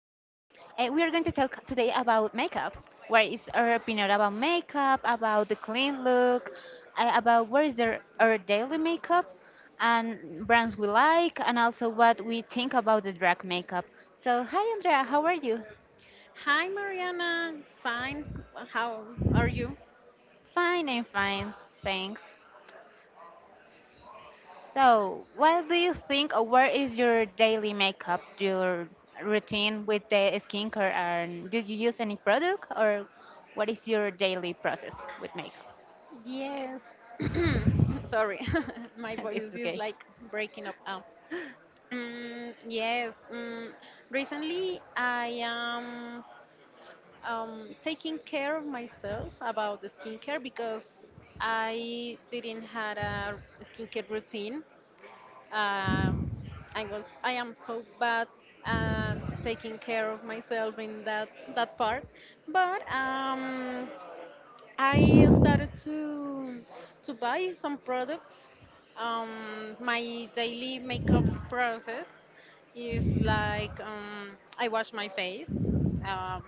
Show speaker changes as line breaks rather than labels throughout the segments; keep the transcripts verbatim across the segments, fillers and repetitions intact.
We are going to talk today about makeup. What is our opinion about makeup, about the clean look, uh, about what is their, our daily makeup, and brands we like, and also what we think about the drag makeup. So, hi Andrea, how are you?
Hi, Mariana. Fine. How are you?
Fine, I'm fine. Thanks. So, what do you think, or where is your daily makeup, your routine with the skincare? And do you use any product, or what is your daily process with makeup?
Yes. Sorry, my
It's
voice is
okay.
like breaking up now. Mm, yes. Mm, recently, I am um, taking care of myself about the skincare because I didn't had a skincare routine. Um, I was I am so bad at taking care of myself in that that part, but um, I started to to buy some products. Um, my daily makeup process is like um, I wash my face um,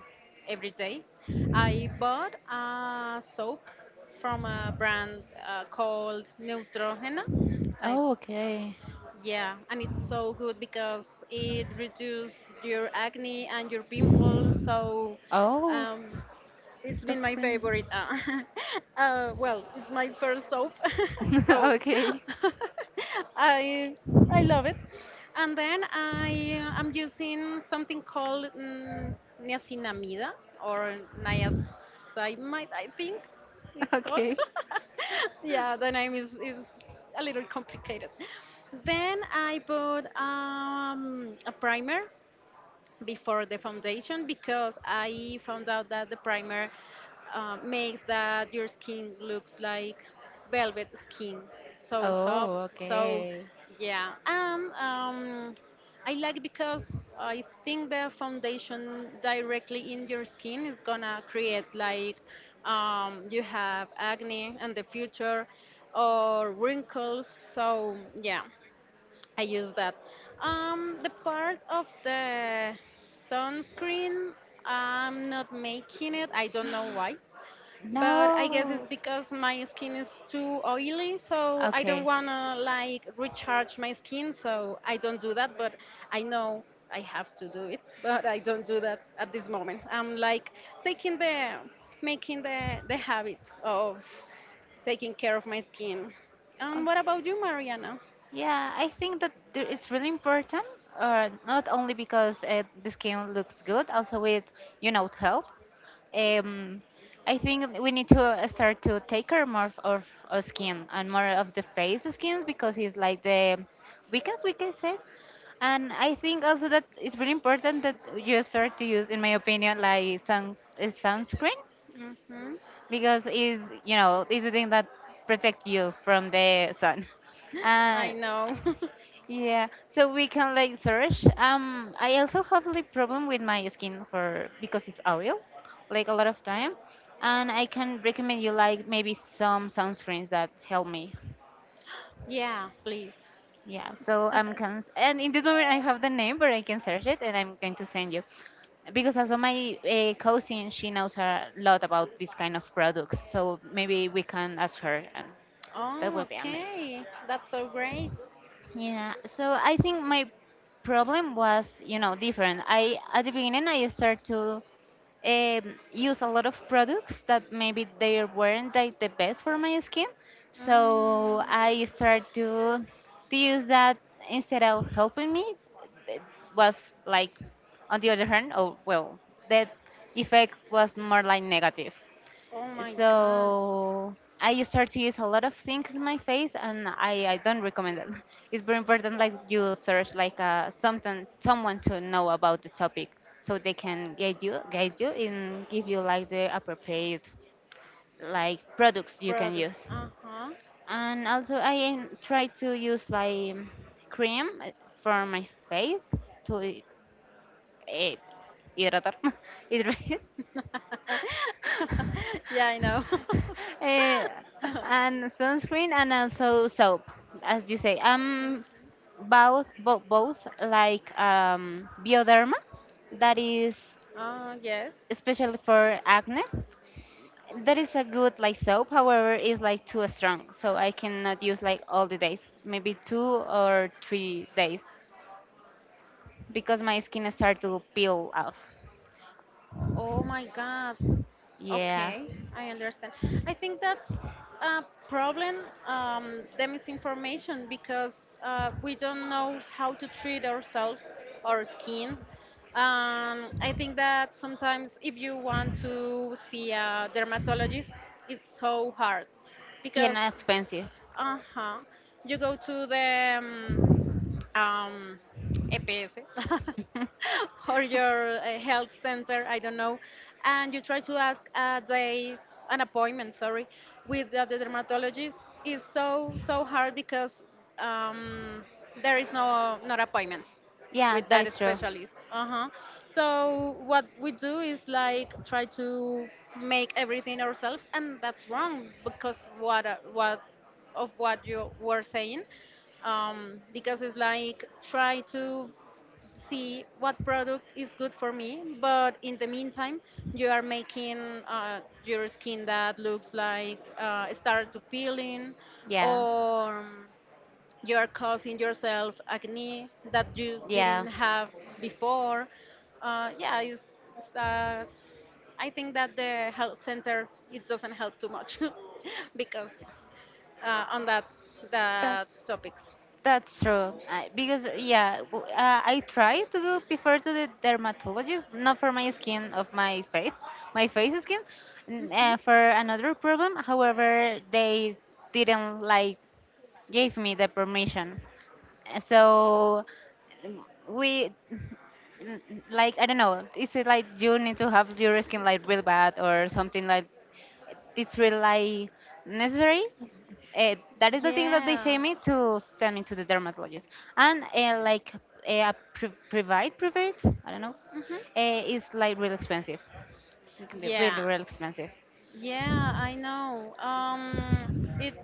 every day. I bought a soap from a brand uh, called Neutrogena. I,
Oh, okay.
yeah, and it's so good because it reduces your acne and your pimples. So
Oh,
um, it's been
that's
my
friendly.
favorite. Uh, uh, well, it's my first soap, so
Okay,
I I love it. And then I am using something called mm, niacinamida or niacinamide, I think it's called.
okay.
Yeah, the name is is a little complicated. Then I bought um, a primer before the foundation because I found out that the primer uh, makes that your skin looks like velvet skin, so
Oh,
soft. So
okay.
yeah, and um, I like because I think the foundation directly in your skin is gonna create like um, you have acne in the future or wrinkles. So yeah. I use that. Um, the part of the sunscreen, I'm not making it. I don't know why, but I guess it's
No.
because my skin is too oily, so I don't
Okay.
wanna like recharge my skin, so I don't do that. But I know I have to do it, but I don't do that at this moment. I'm like taking the making the the habit of taking care of my skin. And what about you, Mariana?
Yeah, I think that there- it's really important, uh, not only because uh, the skin looks good, also with, you know, health. Um, I think we need to uh, start to take care more of of our skin and more of the face skins because it's like the weakest, we can say. And I think also that it's really important that you start to use, in my opinion, like sun uh, sunscreen
Hmm.
because it's, you know, it's the thing that protect you from the sun. Uh,
I know.
yeah, so we can like search. Um, I also have like problem with my skin for because it's oil, like a lot of time, and I can recommend you like maybe some sunscreens that help me.
Yeah, please.
Yeah, so I'm can and in this moment I have the name, but I can search it and I'm going to send you because also my uh, cousin she knows a lot about this kind of products, so maybe we can ask her, and that
Oh,
will be amazing.
okay. That's so great.
Yeah, so I think my problem was, you know, different. I at the beginning I started to um, use a lot of products that maybe they weren't like the best for my skin. So
Mm.
I started to to use that instead of helping me. It was like on the other hand, oh well, that effect was more like negative.
Oh my God.
So I start to use a lot of things in my face, and I, I don't recommend it. It's very important, like you search like uh, something someone to know about the topic, so they can guide you, guide you, and give you like the appropriate like products you can
Products.
use.
Uh huh.
And also, I am- try to use like cream uh, for my face to eh, hidratar, hydrate.
Yeah, I know.
Eh, and sunscreen and also soap, as you say. Um, both, both, both like um, Bioderma, that is
Oh, yes.
especially for acne. That is a good like soap, however, is like too strong, so I cannot use like all the days, maybe two or three days, because my skin start to peel off.
Oh my God.
Yeah,
Okay, I understand. I think that's a problem, um, the misinformation, because uh, we don't know how to treat ourselves, our skins. Um, I think that sometimes if you want to see a dermatologist, it's so hard
yeah,
because,
not expensive.
uh-huh, you go to the um, um, E P S or your uh, health center, I don't know, and you try to ask a date, an appointment, sorry, with the, the dermatologist is so so hard because um, there is no not appointments
Yeah,
with
that
that
is true.
specialist. Uh-huh. So what we do is like try to make everything ourselves, and that's wrong because what are- what of what you were saying um, because it's like try to see what product is good for me but in the meantime you are making uh, your skin that looks like uh, start to peeling
Yeah,
or you are causing yourself acne that you didn't
yeah.
have before, uh, yeah, it's, it's that I think that the health center it doesn't help too much because uh, on that
That
that topics.
That's true. I, because yeah, w- uh, I try to go prefer to the dermatologist, not for my skin of my face, my face skin, n-
Hmm.
uh, for another problem. However, they didn't like gave me the permission. Uh, So mm, we mm, like I don't know. Is it like you need to have your skin like real bad or something like it's really like necessary. Uh, that is the thing that they say
Yeah.
me to send me to the dermatologist, and uh, like uh, pri- private, private, I don't know,
Hmm.
uh, is like real expensive. It can be
Yeah.
really, really expensive.
Yeah, I know. Um, it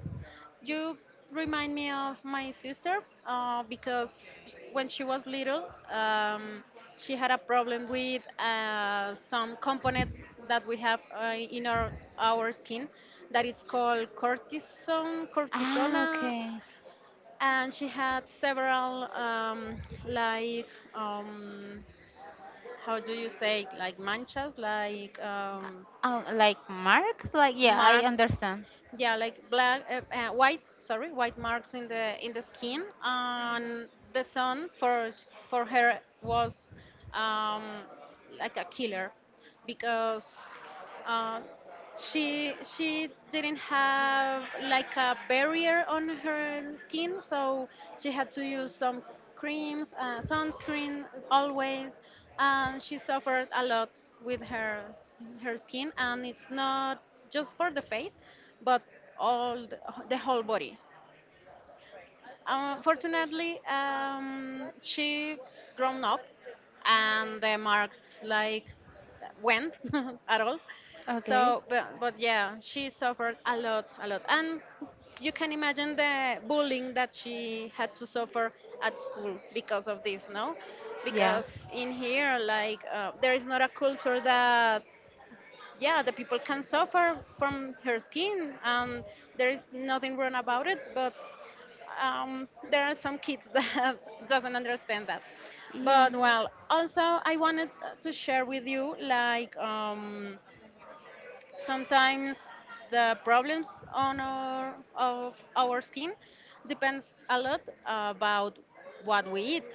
You remind me of my sister uh, because when she was little, um, she had a problem with uh, some component that we have uh, in our our skin that it's called cortisone,
Ah,
cortisona,
okay.
and she had several um, like um, how do you say, like manchas, like um,
Uh, uh, like marks, like yeah, I
marks,
understand.
yeah, like black, uh, uh, white, sorry, white marks in the in the skin, and the son for sh- for her was um, like a killer because uh, she she didn't have like a barrier on her skin, so she had to use some creams, uh, sunscreen always, and she suffered a lot with her her skin, and it's not just for the face but all the, the whole body. Unfortunately, um, she grown up and the marks like went at all.
Okay.
So, but, but yeah, she suffered a lot, a lot. And you can imagine the bullying that she had to suffer at school because of this, no?
Yeah,
Because in here, like, uh, there is not a culture that, yeah, the people can suffer from her skin, and there is nothing wrong about it, but um, there are some kids that doesn't understand that.
yeah,
But well, also I wanted uh, to share with you like um, sometimes the problems on our of our skin depends a lot about what we eat,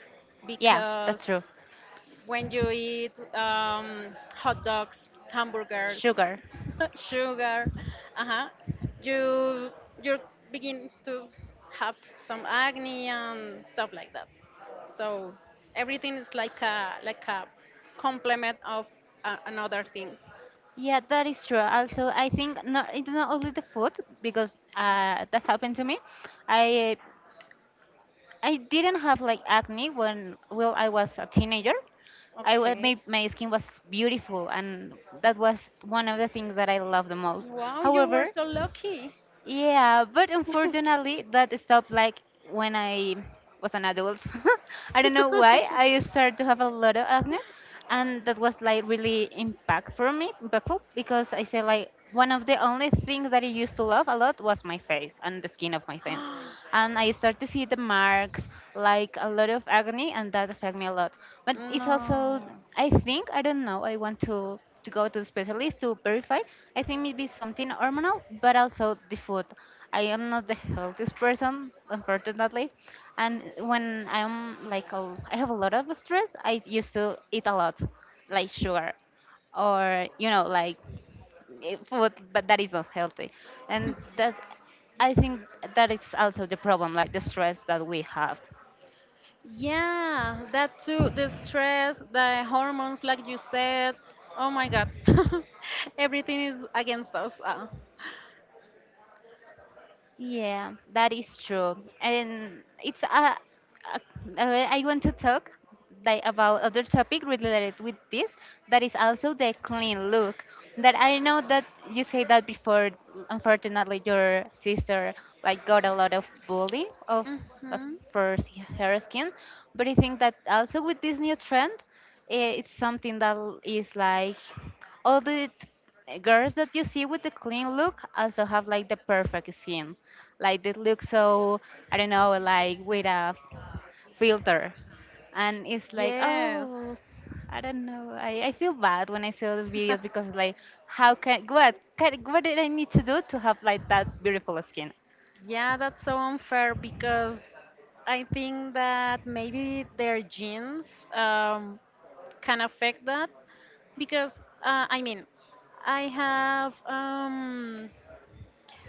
yeah. That's
because
true.
when you eat um, hot dogs, hamburgers,
Sugar.
sugar, uh-huh, you you begin to have some acne and stuff like that. So everything is like a like a complement of uh, another things.
Yeah, that is true. Also, I think not, it's not only the food because uh, that happened to me. I I didn't have like acne when well I was a teenager. I wa-
Okay.
my, my skin was beautiful, and that was one of the things that I loved the most.
Wow, you were
However,
so lucky.
yeah, but unfortunately, that stopped like when I was an adult. I don't know why. I started to have a lot of acne, and that was like really impactful for me, impactful because I said like one of the only things that I used to love a lot was my face and the skin of my face, and I started to see the marks, like a lot of acne, and that affected me a lot. But it's also,
No.
I think, I don't know. I want to to go to the specialist to verify. I think maybe something hormonal, but also the food. I am not the healthiest person, unfortunately, and when I'm like a, I have a lot of stress, I used to eat a lot, like sugar, or you know like eh, food, but that is not healthy, and that I think that is also the problem, like the stress that we have.
Yeah, that too. The stress, the hormones, like you said. Oh my God. Everything is against us. Uh,
Yeah, that is true. And it's a, a- uh, I want to talk like about other topic related with this that is also the clean look that I know that you say that before unfortunately your sister like got a lot of bully of of
hmm.
for s- her skin. But I think that also with this new trend, eh, it's something that l- is like all the t- girls that you see with the clean look also have like the perfect skin. Like they look so, I don't know, like with a filter. And it's like,
Yes.
oh, I don't know. I, I feel bad when I see all these videos because it's like, how can, what, can, what did I need to do to have like that beautiful skin?
Yeah, that's so unfair because I think that maybe their genes um, can affect that. Because, uh, I mean, I have, um,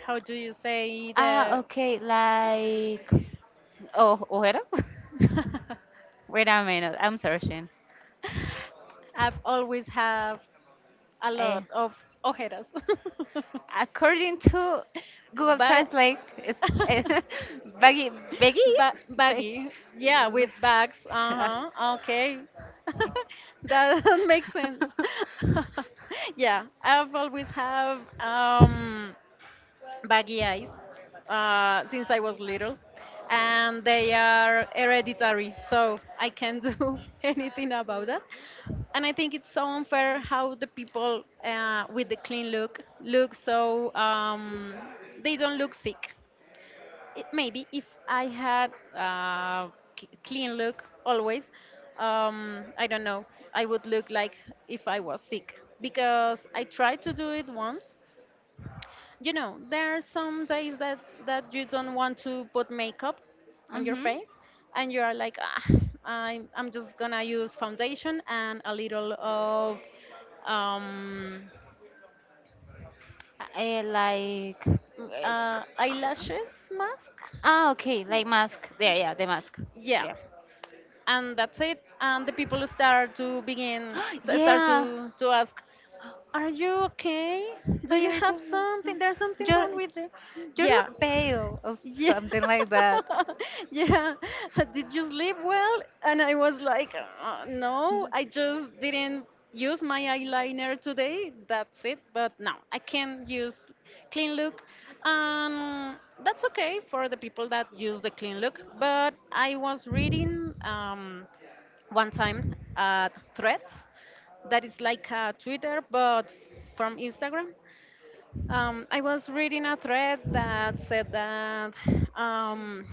how do you say,
Ah,
the.
okay, like oh, ojera? Wait a minute, I'm searching.
I've always have a
Eh,
lot of ojeras.
According to Google
But
Translate, it's eh, baggy, baggy,
ba-
bag-
baggy. Yeah, with bags. Uh-huh. Okay. That makes sense. Yeah, I've always have um baggy eyes uh, since I was little, and they are hereditary, so I can't do anything about that. And I think it's so unfair how the people uh, with the clean look look so um, they don't look sick. It, maybe if I had uh, cl- clean look always, um, I don't know, I would look like if I was sick, because I tried to do it once. You know, there are some days that that you don't want to put makeup on your
Mhm.
face, and you are like ah, I'm, I'm just gonna use foundation and a little of um,
Eh, like
m-
eh,
uh,
c- c-
eyelashes mask,
ah, okay, like mask. Yeah, yeah, the mask.
yeah,
Yeah.
and that's it, and the people start to begin t- start
Yeah,
to to ask, are you okay,
but
do you
you're
have
just
something, there's something
you
wrong with you,
you
yeah.
look pale or
Yeah.
something like that.
Yeah. Did you sleep well? And I was like, "Uh, no, I just didn't use my eyeliner today. That's it. But no, I can use clean look." Um, that's okay for the people that use the clean look. But I was reading um, one time at Threads, that is like a Twitter, but from Instagram. Um, I was reading a thread that said that um,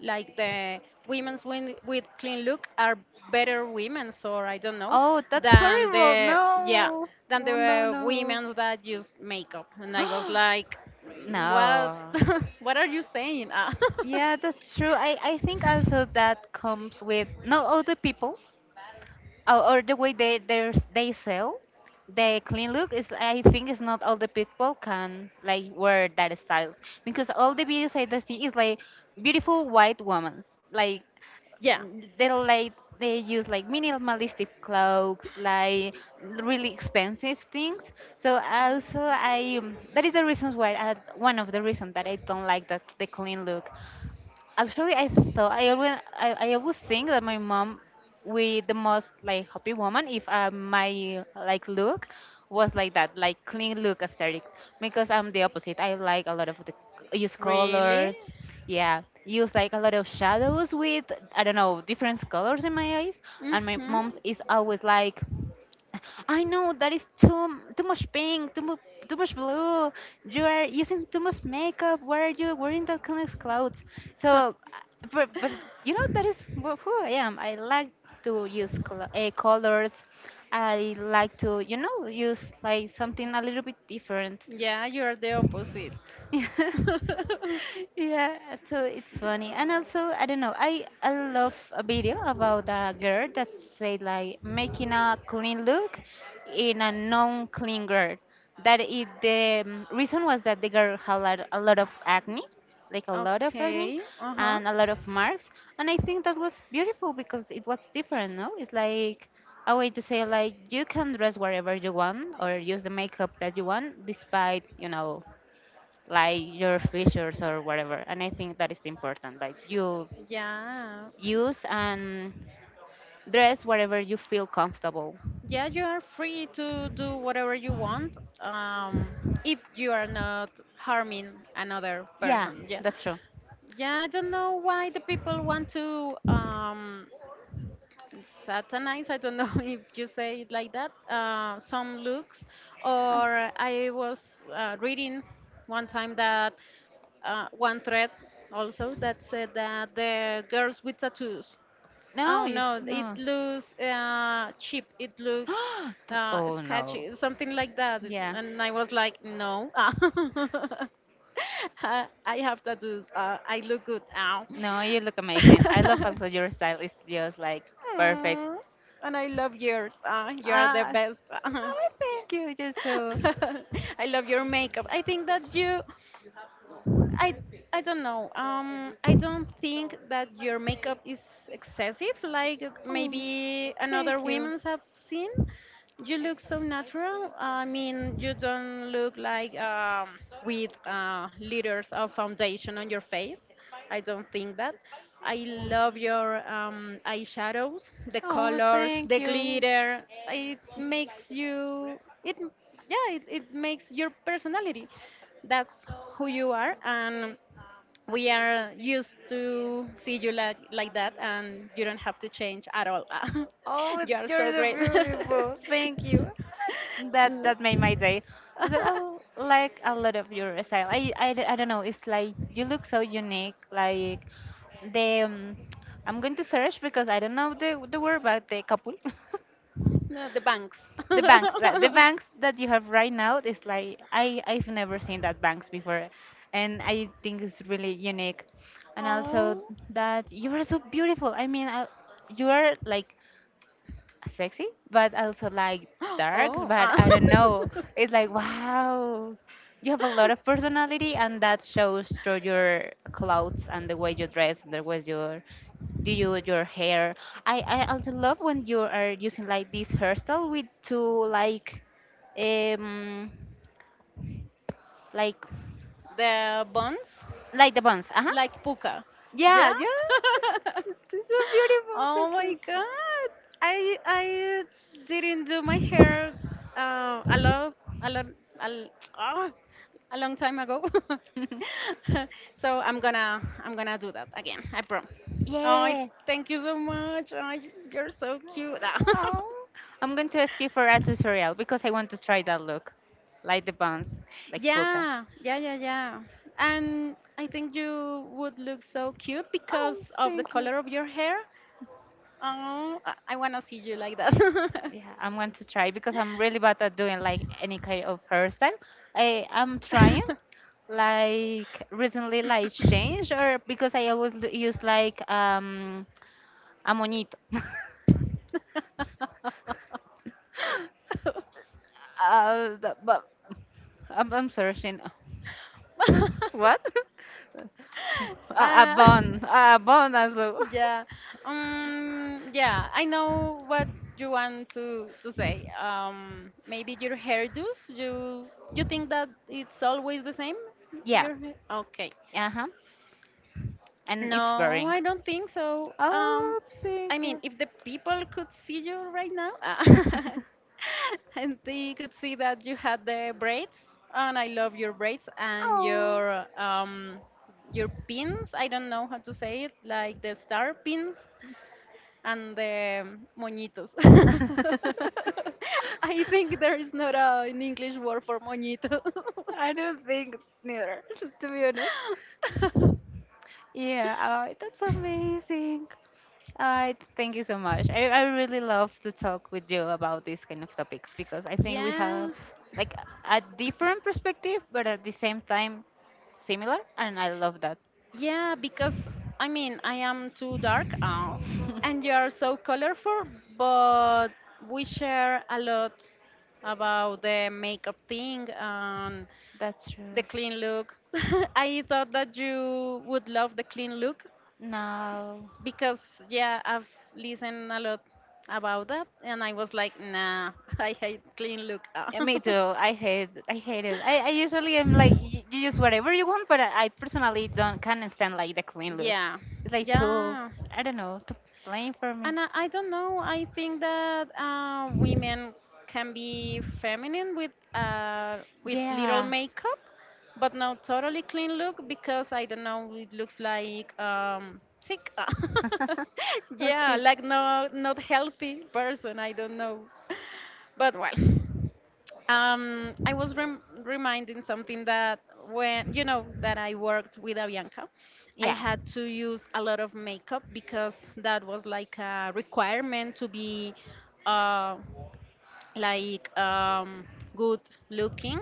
like the women's win- with clean look are better women's, or I don't know,
Oh, that's
than
horrible.
the, yeah,
No.
than
Oh,
the
no,
uh,
no.
women's that use makeup, and I was like, "Mm, what
No.
what are you saying? Ah,
Yeah, that's true. I, I think also that comes with no other people or, or the way they they they sell. The clean look is I think it's not all the people can like wear that styles because all the videos I do see is like beautiful white women like
yeah,
they like they use like minimalistic clothes like really expensive things, so also I um, that is the reasons why I, one of the reasons that I don't like the, the clean look. Actually, I thought I always I, I always think that my mom, with the most like happy woman, if uh, my like look was like that, like clean look aesthetic, because I'm the opposite. I like a lot of the use
really.
colors, yeah, use like a lot of shadows with I don't know different colors in my eyes, and my
Hmm.
mom's is always like. I know that is too too much pink, too much too much blue. You are using too much makeup. Why are you wearing that kind of clothes? So, uh, but but you know that is wh- who I am. I like to use col- uh, colors. I like to you know use like something a little bit different.
Yeah, you're the opposite.
Yeah, so it's funny and also I don't know i i love a video about a girl that said like making a clean look in a non-clean girl that it the um, reason was that the girl had like a lot of acne, like a lot of acne
Okay. Uh-huh.
and a lot of marks, and I think that was beautiful because it was different no it's like a way to say like you can dress wherever you want or use the makeup that you want despite you know like your features or whatever. And I think that is important. Like you
Yeah,
use and dress whatever you feel comfortable.
yeah, you are free to do whatever you want, um, if you are not harming another
Yeah,
person, yeah,
that's true.
yeah. I don't know why the people want to um, satanize, I don't know if you say it like that, uh, some looks,
Um,
or I was uh, reading one time that uh, one thread also that said that the girls with tattoos.
No,
Oh
you
no, it
no.
looks uh, cheap. It looks
Th-
uh,
oh no.
sketchy, something like that.
Yeah.
And I was like, no, I I have tattoos. Uh, I look good. Ow.
No, you look amazing. I love also your style is just like perfect.
Aw, and I love yours. Uh, you are the
Ah,
best.
oh, thank you, you too.
I love your makeup. I think that you I I don't know. Um, I don't think that your makeup is excessive, like
Oh,
maybe another
thank you.
women's have seen. You look so natural. I mean, you don't look like um, with uh, liters of foundation on your face. I don't think that. I love your um, eyeshadows, the
Oh,
colors, the
you.
glitter. It makes you. It Yeah. It, it makes your personality. That's who you are, and we are used to see you like, like that, and you don't have to change at all.
Oh,
You are
you're
so
so
great.
beautiful. Thank you. That that made my
Mm.
day. So I l- like a lot of your style. I, I, d- I don't know. It's like you look so unique. Like the um, I'm going to search because I don't know the the word, but the couple,
No, the banks.
the banks, that the banks that you have right now is like I I've never seen that banks before, and I think it's really unique. And also
Oh,
that you are so beautiful. I mean, I, you are like sexy, but I also like darks.
oh,
But
ah.
I don't know. It's like wow, you have a lot of personality, and that shows through your clothes and the way you dress and the way you do you, your hair. I I also love when you are using like this hairstyle with two like um like
the bonds,
like the buns. Uh huh.
like puka.
Yeah,
Yeah.
yeah. It's so beautiful,
Oh my
so
god. I I didn't do my hair uh, a lot, a lot, a, l- ah, a long time ago.
cute.
So I'm gonna I'm gonna do that again. I promise. Oh, I
Yeah.
thank you so much. Oh, y- you're so cute.
I'm going to ask you for a tutorial because I want to try that look, like the buns, like puka.
Yeah, yeah, yeah, yeah. And I think you would look so cute because
Oh,
of the
thank you.
color of your hair. Oh, I, I wanna see you like that.
Yeah, I'm going to try because I'm really bad at doing like any kind of hairstyle. I I'm trying like recently like change or because I always l- use like um a moñito. Uh, the- but I'm I'm searching. What? a, a
uh,
bun, a bun also.
yeah. Um. Yeah. I know what you want to to say. Um. Maybe your hairdos. You you think that it's always the same?
Yeah.
Your hair? Okay.
Uh-huh. And it's
No,
boring.
I don't think so. Um,
Oh, thank
I mean,
you.
if the people could see you right now, and they could see that you had the braids, and I love your braids and
Oh.
your um your pins. I don't know how to say it, like the star pins and the moñitos. I think there is not a, an English word for moñito.
I don't think neither, to be honest. Yeah, oh, that's amazing. I thank you so much. I, I really love to talk with you about these kind of topics because I think we
Yeah.
have like a different perspective, but at the same time similar, and I love that.
Yeah, because I mean, I am too dark uh, and you are so colorful, but we share a lot about the makeup thing and
That's true.
the clean look. I thought that you would love the clean look
No.
because, yeah, I've listened a lot about that and I was like, nah, I hate clean look.
Yeah, me too. I hate, I hate it. I, I usually am like, you, you use whatever you want, but I, I personally don't can't stand like the clean look.
Yeah,
It's like too,
yeah.
I don't know, too plain for me.
And I, I don't know. I think that uh, women can be feminine with uh, with little
Yeah.
makeup, but not totally clean look because I don't know. It looks like um, sick. Yeah,
Okay.
like no, not healthy person. I don't know. But well. Um, I was rem- reminding something that when you know that I worked with Avianca, I
Yeah.
had to use a lot of makeup because that was like a requirement to be uh, like um, good looking.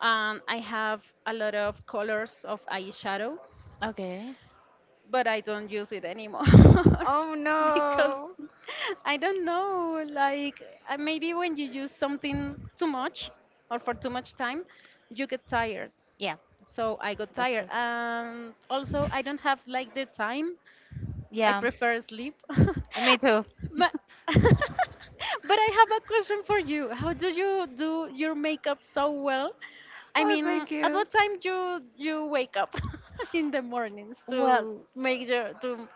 And I have a lot of colors of eyeshadow
Okay.
but I don't use it anymore
Oh
because
no.
I don't know. Like uh, maybe when you use something too much or for too much time, you get tired.
Yeah.
So I got
That's
tired, and also I don't have like the time I
yeah.
prefer sleep.
Me too.
Ma- but I have a question for you. How do you do your makeup so well? I
Oh,
mean,
thank
at
you.
what time you you wake up in the mornings
Well,
to make your to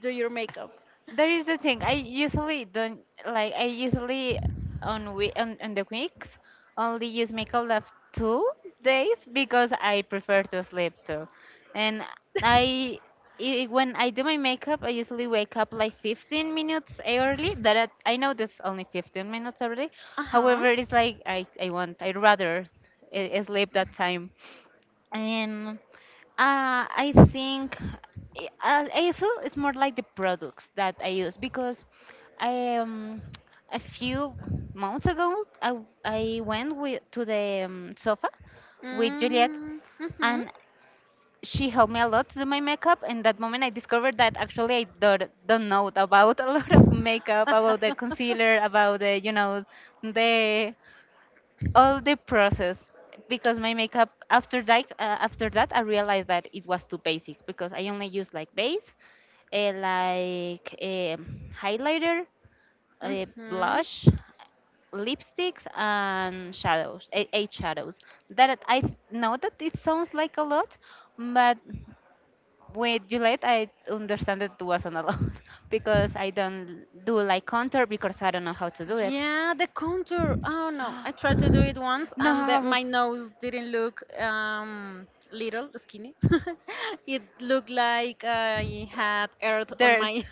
do your makeup?
there is the thing. I usually don't like. I usually on we on, on the weeks only use makeup left two days because I prefer to sleep too, and I. i- When I do my makeup, I usually wake up like fifteen minutes early. That I I know that's only fifteen minutes early.
Uh huh.
However, it's like I, I want, I rather eh, sleep that time. And uh, I think eh, uh, also it's more like the products that I use because I um a few months ago I I went with to the um, sofa with Juliet
Mm-hmm.
and she helped me a lot to do my makeup and that moment I discovered that actually I don't, don't know about a lot of makeup, about the concealer, about the you know the all the process, because my makeup after that uh, after that I realized that it was too basic because I only use like base, uh, like um highlighter, uh,
Mm-hmm.
blush, lipsticks and shadows, eh, eight shadows. That I know that it sounds like a lot, but with Gillette I understand that it wasn't a lot because I don't do like contour because I don't know how to do it.
Yeah, the contour. Oh no, I tried to do it once, and the,
No.
my nose didn't look um, little skinny. It looked like I had earth on
Dirt,
my.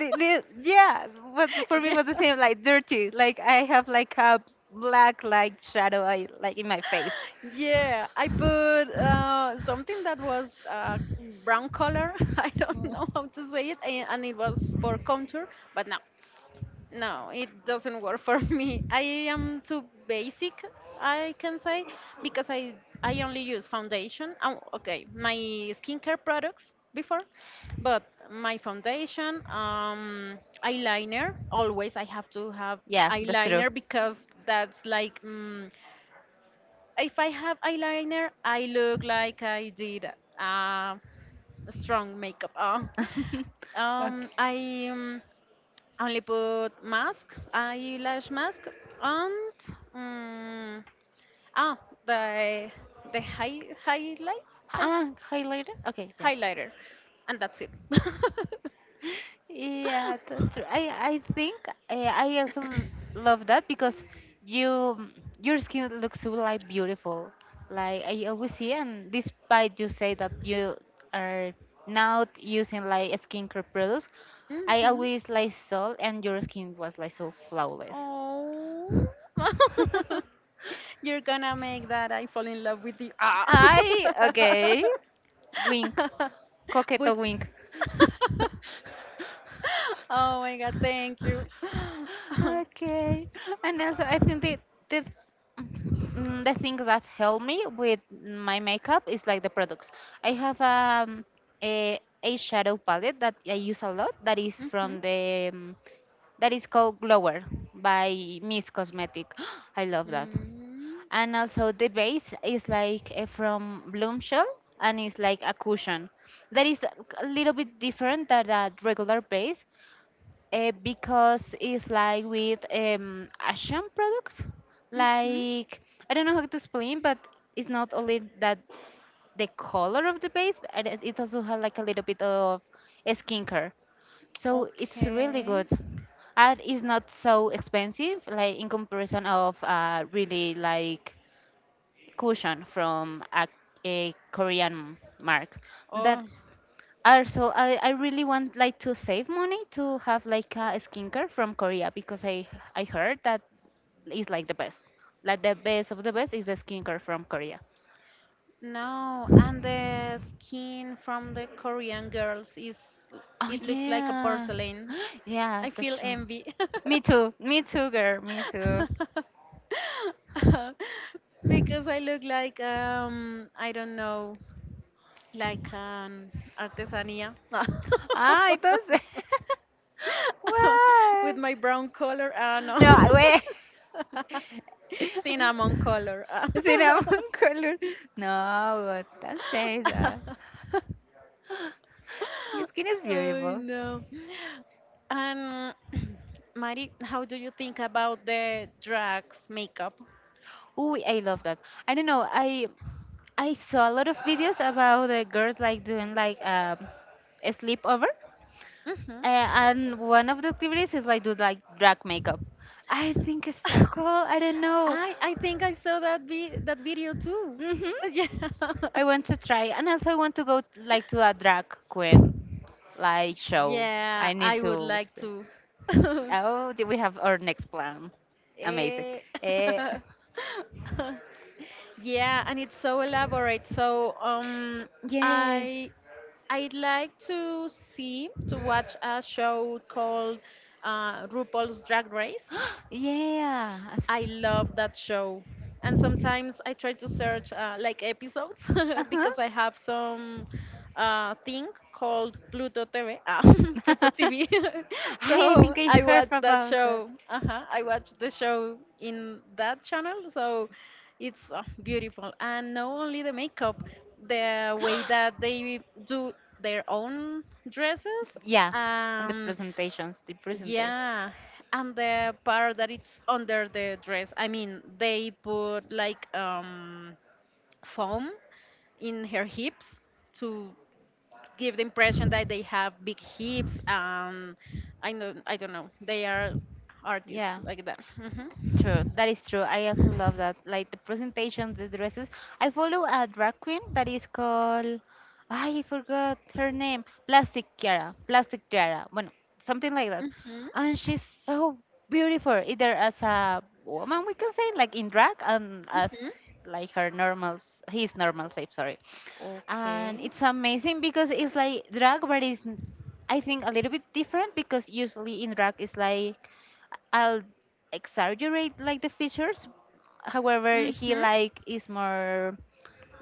li- li- yeah, was for me
Yeah.
was the same, like dirty, like I have like a black like shadow I, like in my face.
Yeah, I put uh, something that was uh, brown color. I don't
Mm,
know how to say it, a- and it was for contour, but no no, it doesn't work for me. I am too basic, I can say, because I I only use foundation. Oh, okay, my skincare products before, but my foundation, um, eyeliner. Always I have to have
yeah that's true.
eyeliner because that's like mm, if I have eyeliner, I look like I did uh, strong makeup. Uh,
Okay.
um, I um, only put mask, eyelash mask, and um, ah, the the high highlight high,
Ah, highlighter, okay, yeah.
highlighter, and that's it.
Yeah, that's true. I I think uh, I also l- love that because you your skin looks so like beautiful. Like I always see, and despite you say that you are not using like skincare products, I
Hmm.
always like saw and your skin was like so flawless.
Oh, you're gonna make that I fall in love with you. Ah,
I okay. Wink, coqueto
would.
wink.
Oh my God! Thank you.
Okay. And also, I think the the mm, the things that help me with my makeup is like the products. I have um, a a shadow palette that I use a lot. That is
Mhm.
from the um, that is called Glower by Miss Cosmetic. I love that.
Mm.
And also the base is like uh, from Bloom Shell and it's like a cushion. That is like a little bit different than that regular base uh, because it's like with um, Asian products.
Mhm.
Like, I don't know how to explain, but it's not only that the color of the base, but it it also has like a little bit of skincare. So it's really
Okay.
good. And it's not so expensive, like in comparison of uh, really like cushion from a, a Korean mark. That
Oh
also I, I really want like to save money to have like a skincare from Korea because I I heard that is like the best. Like the best of the best is the skincare from Korea.
no! And the skin from the Korean girls is
Oh
it looks like a
yeah.
porcelain.
Yeah,
I
that's
feel
true.
envy.
Me too. Me too, girl. Me too.
Because I look like um I don't know like an artesania
Ah, it does. Why?
with my brown color ah no
No, I- wait.
cinnamon color ah.
Cinnamon color. No, but don't say that. Your skin is
Oh
beautiful.
no. And Mari, how do you think about the drugs makeup?
Ooh, I love that. I don't know. I I saw a lot of videos about the girls like doing like um, a sleepover,
Hmm.
uh, and one of the activities is like do like drag makeup. I think it's so cool. I don't know.
I I think I saw that vi that video too.
Mhm.
Yeah.
I want to try, and also I want to go like to a drag queen like show.
Yeah,
I need
I would
to
like
see.
to.
Oh, do we have our next plan? Amazing.
Eh.
Eh,
Yeah, and it's so elaborate. So um,
yes.
I I'd like to see to watch a show called uh, RuPaul's Drag Race.
Yeah. I've
I
seen.
love that show. And sometimes I try to search uh, like episodes
Uh
because I have some uh, thing called Pluto T V. Ah, Pluto
huh.
T V.
I I
So
think I
I
heard
watch that
about that.
show. Uh-huh. I watch the show in that channel. So it's uh, beautiful. And not only the makeup, the
S-
way that they do their own dresses.
Yeah, and the
Um,
presentations, the presentation.
yeah, and the part that it's under the dress, I mean, they put like um, foam in her hips to give the impression that they have big hips, and I know, I don't know, they are artists
Yeah.
like that. Hmm.
True, that is true. I also love that. Like the presentations, the dresses. I follow a drag queen that is called, I forgot her name, Plastic Chiara, Plastic Chiara, bueno, something like that.
Hmm.
And she's so beautiful, either as a woman, we can say, like in drag, and as
Hmm.
like her normal, s- his normal shape, sorry. And
Okay.
it's amazing because it's like drag, but it's, n- I think, a little bit different because usually in drag it's like I'll exaggerate like the features. However, he
Hmm.
like is more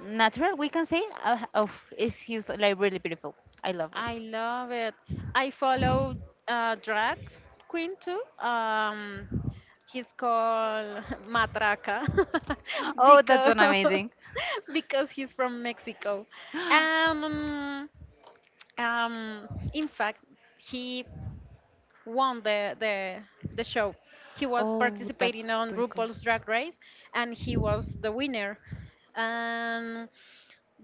natural. We can say uh, of is he's like really beautiful. I love her.
I love it. I follow uh, drag queen too. Um, He's called Matraca
Oh, that's
because
an amazing.
because he's from Mexico. Um, um, in fact, he won the the the show. He was
Oh,
participating
that's
on
pretty cool.
RuPaul's Drag Race, and he was the winner. Um,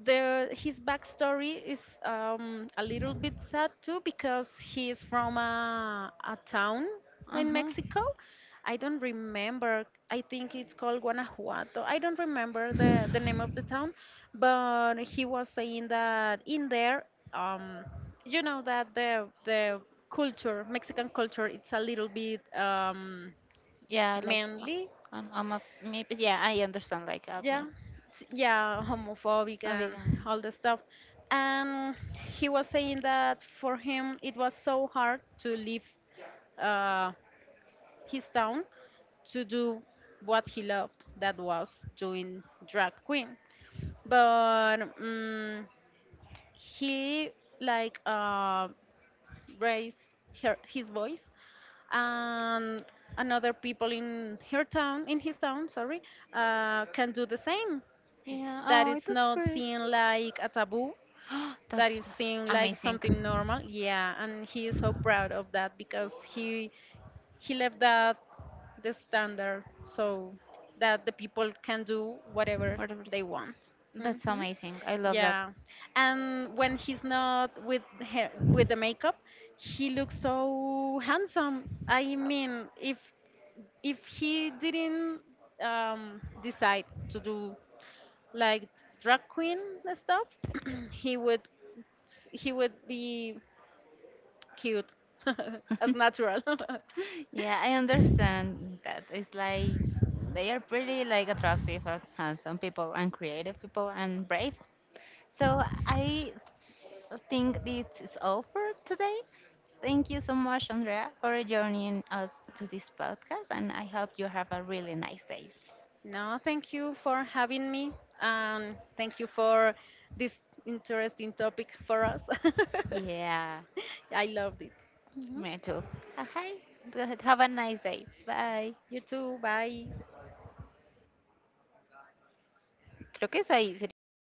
the his backstory is um, a little bit sad too because he is from a, a town in
Uh-huh.
Mexico. I don't remember. I think it's called Guanajuato. I don't remember the, the name of the town, but he was saying that in there, um, you know that the the culture, Mexican culture, it's a little bit um,
Yeah, like uh,
manly
I'm, I'm a maybe yeah, I understand, like I'm
yeah
a
s- yeah homophobic
a
and
vegan.
all the stuff and he was saying that for him it was so hard to leave uh, his town to do what he loved that was doing drag queen but um, he like uh, raised her, his voice and another people in her town in his town sorry uh, can do the same
Yeah.
that
Oh,
it's
that's
not
pretty.
seen like a taboo
That's
that is seen like
amazing.
something normal yeah and he is so proud of that because he he left that the standard so that the people can do whatever
Whatever.
they want. Hmm.
That's amazing. I love that.
Yeah, and when he's not with hair, with the makeup he looks so handsome I mean if if he didn't um, decide to do like drag queen stuff, he would he would be cute as natural.
Yeah, I understand that. It's like they are pretty like attractive, and handsome people, and creative people, and brave. So I think this is all for today. Thank you so much, Andrea, for joining us to this podcast, and I hope you have a really nice day.
No, thank you for having me. Um, thank you for this interesting topic for us.
Yeah,
I loved it.
me too. Hi. Have a nice day. Bye.
You too. Bye.
Creo que es ahí, sería.